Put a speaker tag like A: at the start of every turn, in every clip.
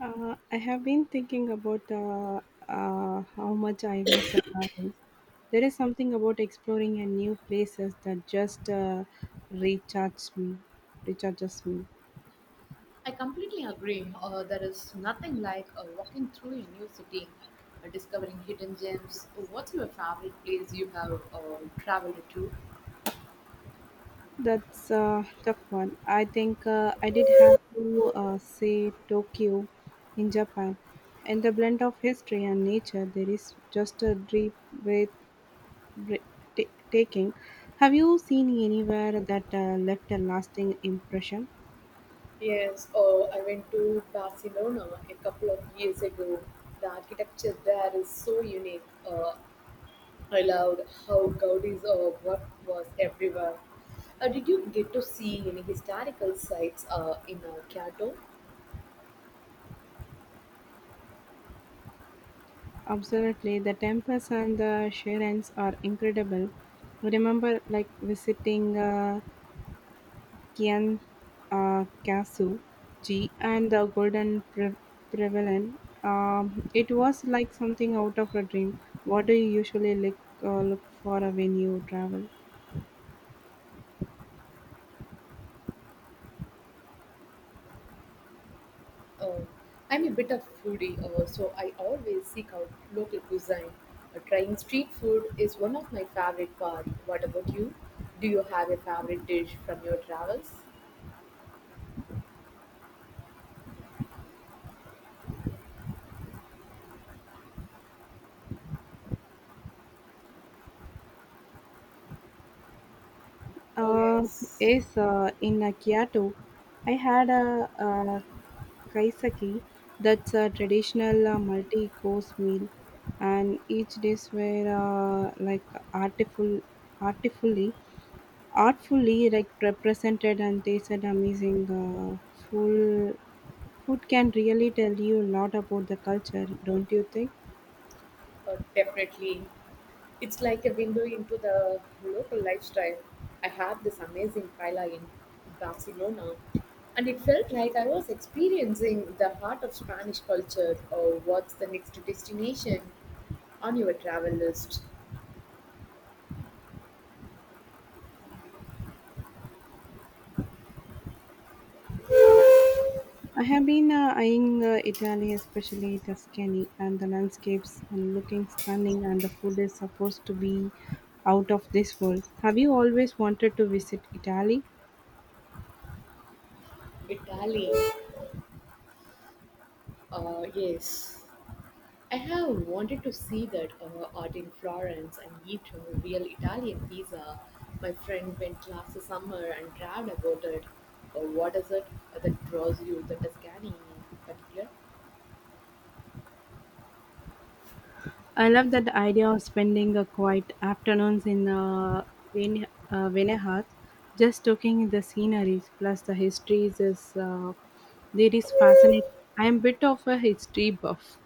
A: I have been thinking about how much I miss the travels. There is something about exploring a new places that just recharges me. Recharges me.
B: I completely agree. There is nothing like walking through a new city, discovering hidden gems. What's your favorite place you have traveled to?
A: That's a tough one. I think I did have to say Tokyo in Japan. In the blend of history and nature, there is just a deep breath taking. Have you seen anywhere that left a lasting impression?
B: Yes, oh, I went to Barcelona a couple of years ago. The architecture there is so unique. I loved how Gaudi's work was everywhere. Did you get to see any historical sites in Kyoto?
A: Absolutely, the temples and the shrines are incredible. I remember like visiting Kian Kasu Ji and the Golden Pavilion. It was like something out of a dream. What do you usually look for when you travel?
B: Uh, I'm a bit of foodie, so I always seek out local cuisine. Trying street food is one of my favorite parts. What about you? Do you have a favorite dish from your travels? Oh,
A: Uh,
B: yes,
A: yes, in Kyoto, I had a kaiseki, that's a traditional multi course meal, and each dish were like artful, artfully, artfully like represented and tasted amazing. Full Food can really tell you a lot about the culture, don't you think?
B: definitely. It's like a window into the local lifestyle. I had this amazing paella in Barcelona, and it felt like I was experiencing the heart of Spanish culture. Or what's the next destination on your travel list?
A: I have been eyeing Italy, especially Tuscany, and the landscapes and looking stunning, and the food is supposed to be out of this world. Have you always wanted to visit Italy?
B: Italy, yes. I have wanted to see that art in Florence and eat a real Italian pizza. My friend went last summer and raved about it. What is it that draws you to Tuscany in particular?
A: I love that idea of spending a quiet afternoons in Venehat, just looking at the sceneries plus the histories is fascinating. I am bit of a history buff.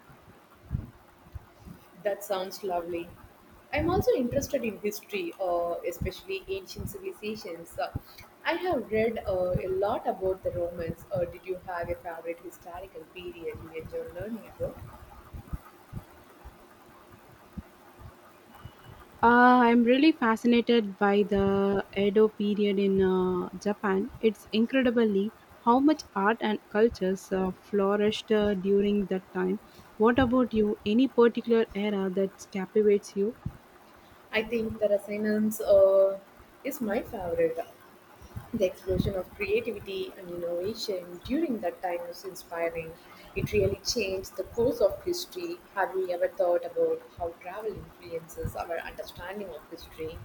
B: That sounds lovely. I'm also interested in history, especially ancient civilizations. I have read a lot about the Romans. Did you have a favorite historical period you enjoyed learning about?
A: I'm really fascinated by the Edo period in Japan. It's incredibly how much art and cultures flourished during that time. What about you? Any particular era that captivates you?
B: I think the resonance is my favorite. The explosion of creativity and innovation during that time was inspiring. It really changed the course of history. Have you ever thought about how travel influences our understanding of history?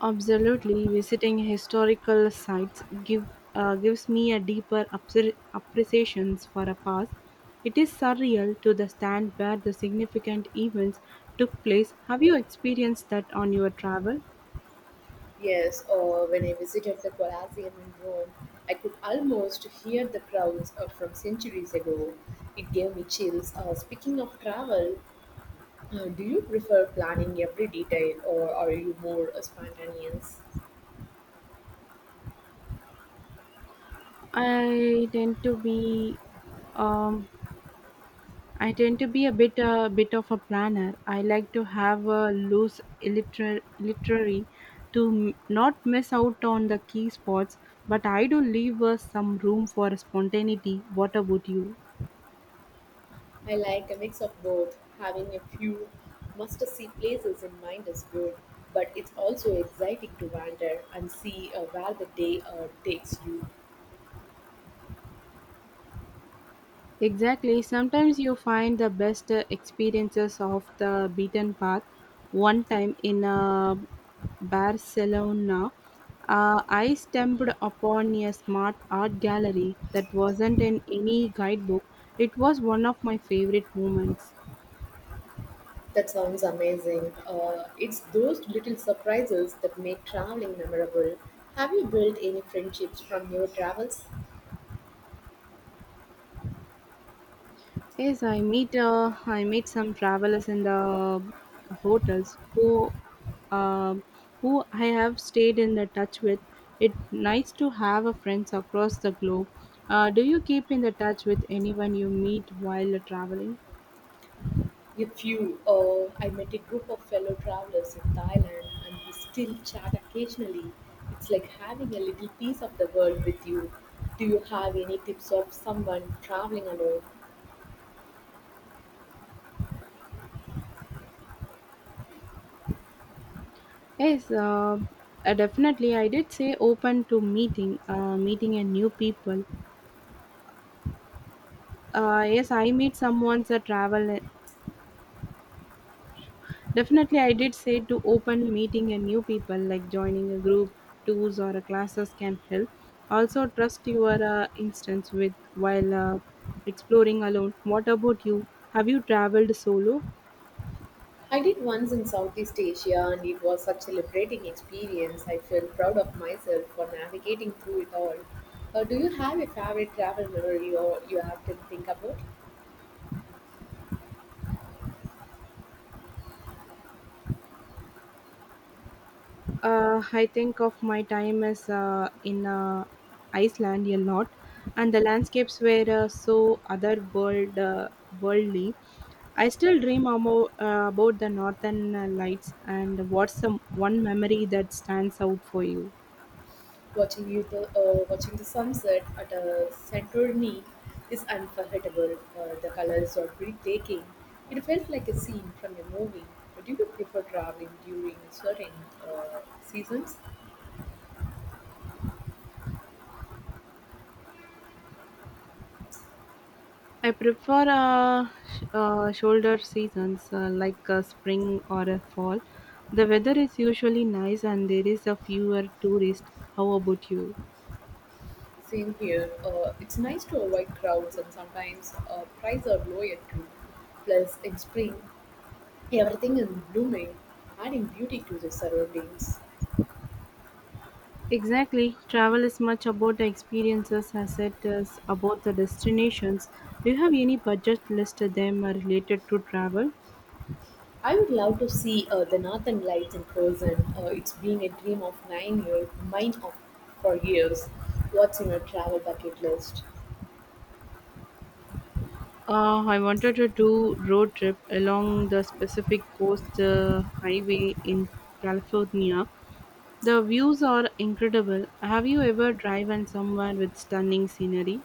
A: Absolutely, visiting historical sites gives me a deeper appreciation for a past. It is surreal to the stand where the significant events took place. Have you experienced that on your travel?
B: Yes, when I visited the Colosseum in Rome, I could almost hear the crowds from centuries ago. It gave me chills. Speaking of travel, do you prefer planning every detail or are you more spontaneous?
A: I tend to be um, I tend to be a bit of a planner. I like to have a loose literary to not miss out on the key spots, but I do leave some room for spontaneity. What about you?
B: I like a mix of both. Having a few must see places in mind is good, but it's also exciting to wander and see where the day takes you.
A: Exactly. Sometimes you find the best experiences of the beaten path. One time in Barcelona, I stumbled upon a smart art gallery that wasn't in any guidebook. It was one of my favorite moments.
B: That sounds amazing. It's those little surprises that make traveling memorable. Have you built any friendships from your travels?
A: Yes, I meet some travelers in the hotels um, who I have stayed in the touch with. It's nice to have a friends across the globe. Do you keep in the touch with anyone you meet while traveling?
B: A few. Oh, I met a group of fellow travelers in Thailand and we still chat occasionally. It's like having a little piece of the world with you. Do you have any tips of someone traveling alone?
A: Yes, definitely. I did say open to meeting a new people. Yes, I meet someone that travel. Definitely, I did say to open meeting and new people, like joining a group, tours or a classes can help. Also, trust your instance with while exploring alone. What about you? Have you traveled solo?
B: I did once in Southeast Asia and it was such a liberating experience. I felt proud of myself for navigating through it all. Do you have a favorite travel memory or you often think about?
A: I think of my time as in Iceland a lot, and the landscapes were so otherworld worldly. I still dream about the northern lights. And what's the one memory that stands out for you?
B: Watching the sunset at a Santorini is unforgettable. The colors are breathtaking. It felt like a scene from a movie. Do you prefer traveling during certain seasons?
A: I prefer shoulder seasons like spring or fall. The weather is usually nice and there is a fewer tourists. How about you?
B: Same here. It's nice to avoid crowds, and sometimes prices are lower too. Plus, in spring, everything is blooming, adding beauty to the surroundings.
A: Exactly. Travel is much about the experiences as it is about the destinations. Do you have any budget list of them are related to travel?
B: I would love to see the Northern Lights in person. It's been a dream of 9 years, for years. What's in your travel bucket list?
A: I wanted to do road trip along the Pacific Coast Highway in California. The views are incredible. Have you ever driven somewhere with stunning scenery?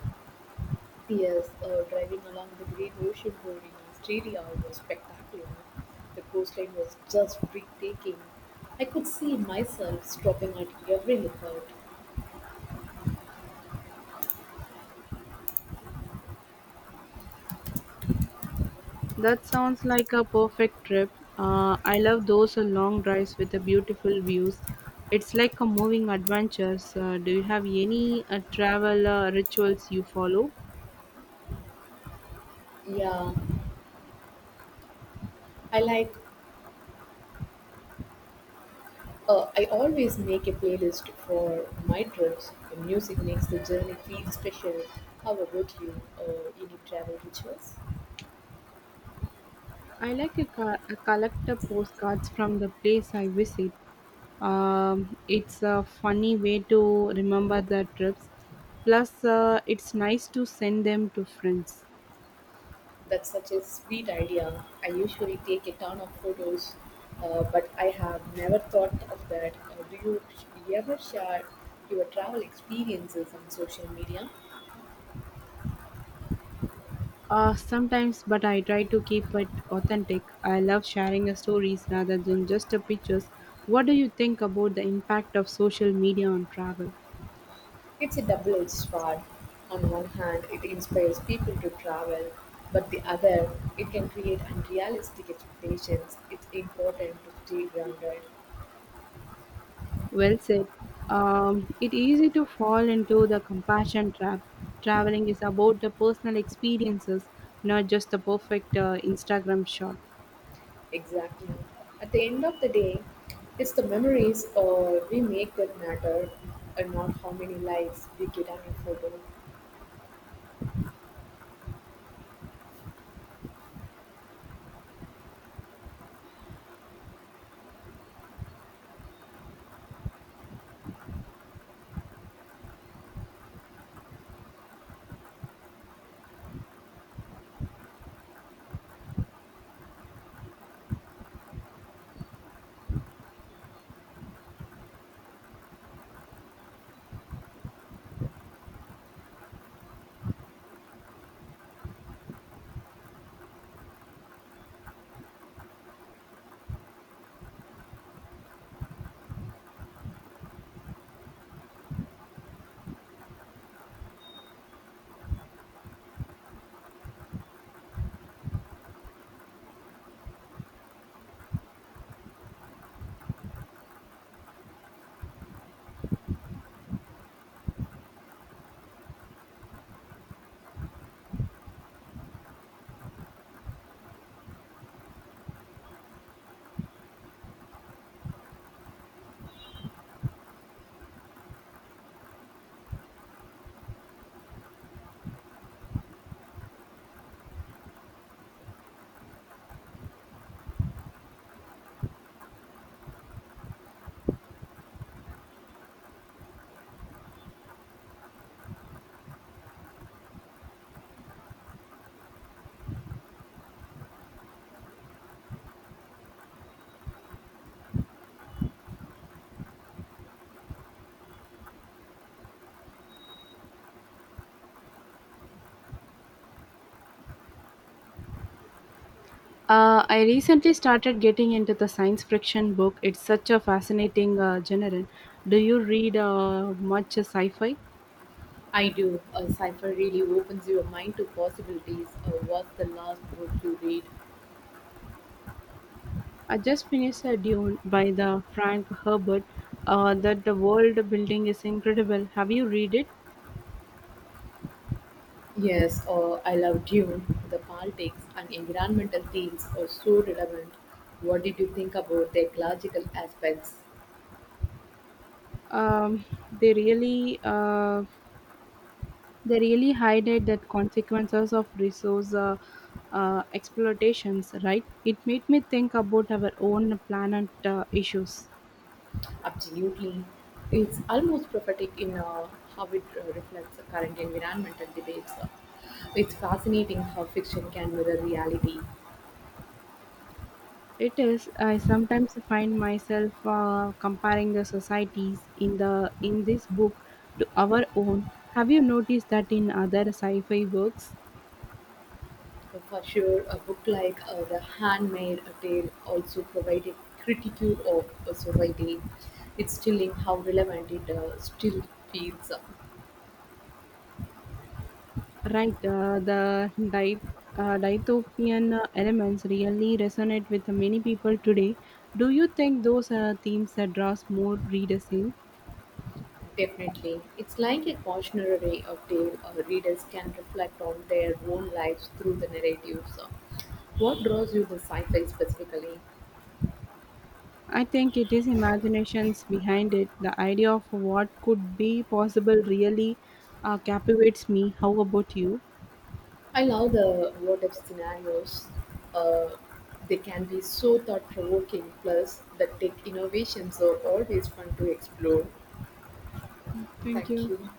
B: P.S. Driving along the Great Ocean Road in Australia was spectacular. The coastline was just breathtaking. I could see myself stopping at every lookout.
A: That sounds like a perfect trip. I love those long drives with the beautiful views. It's like a moving adventure. Do you have any travel rituals you follow?
B: Yeah, I like I always make a playlist for my trips. The music makes the journey feel special. How about you? Any travel rituals?
A: I like a collector postcards from the place I visit. It's a funny way to remember the trips. Plus, it's nice to send them to friends.
B: That's such a sweet idea. I usually take a ton of photos, but I have never thought of that. Do you ever share your travel experiences on social media?
A: Sometimes, but I try to keep it authentic. I love sharing stories rather than just pictures. What do you think about the impact of social media on travel?
B: It's a double-edged sword. On one hand, it inspires people to travel, but the other, it can create unrealistic expectations. It's important to stay grounded.
A: Well said. It easy to fall into the compassion trap. Traveling is about the personal experiences, not just the perfect Instagram shot.
B: Exactly. At the end of the day, it's the memories we make that matter, and not how many likes we get on a photo.
A: I recently started getting into the science fiction book. It's such a fascinating genre. Do you read much sci-fi?
B: I do. A cipher really opens your mind to possibilities. What's the last book you read?
A: I just finished a Dune by the Frank Herbert. That the world building is incredible. Have you read it?
B: Yes, or I love Dune. The politics and environmental themes are so relevant. What did you think about the ecological aspects?
A: Um, they really uh, they really highlight that consequences of resource exploitations. Right? It made me think about our own planet issues.
B: Absolutely. It's almost prophetic in how it reflects the current environmental debates. It's fascinating how fiction can mirror reality.
A: It is. I sometimes find myself comparing the societies in the in this book to our own. Have you noticed that in other sci-fi works?
B: For sure, a book like The Handmaid Tale also provided critique of society. It's chilling how relevant it still feels.
A: Right, dystopian elements really resonate with many people today. Do you think those are themes that draws more readers in?
B: Definitely. It's like a cautionary tale readers can reflect on their own lives through the narratives. What draws you to sci-fi specifically?
A: I think it is imaginations behind it. The idea of what could be possible really captivates me. How about you?
B: I love the what-if scenarios. Uh, they can be so thought-provoking, plus the tech innovations are always fun to explore.
A: Thank
B: Thank
A: you.
B: you.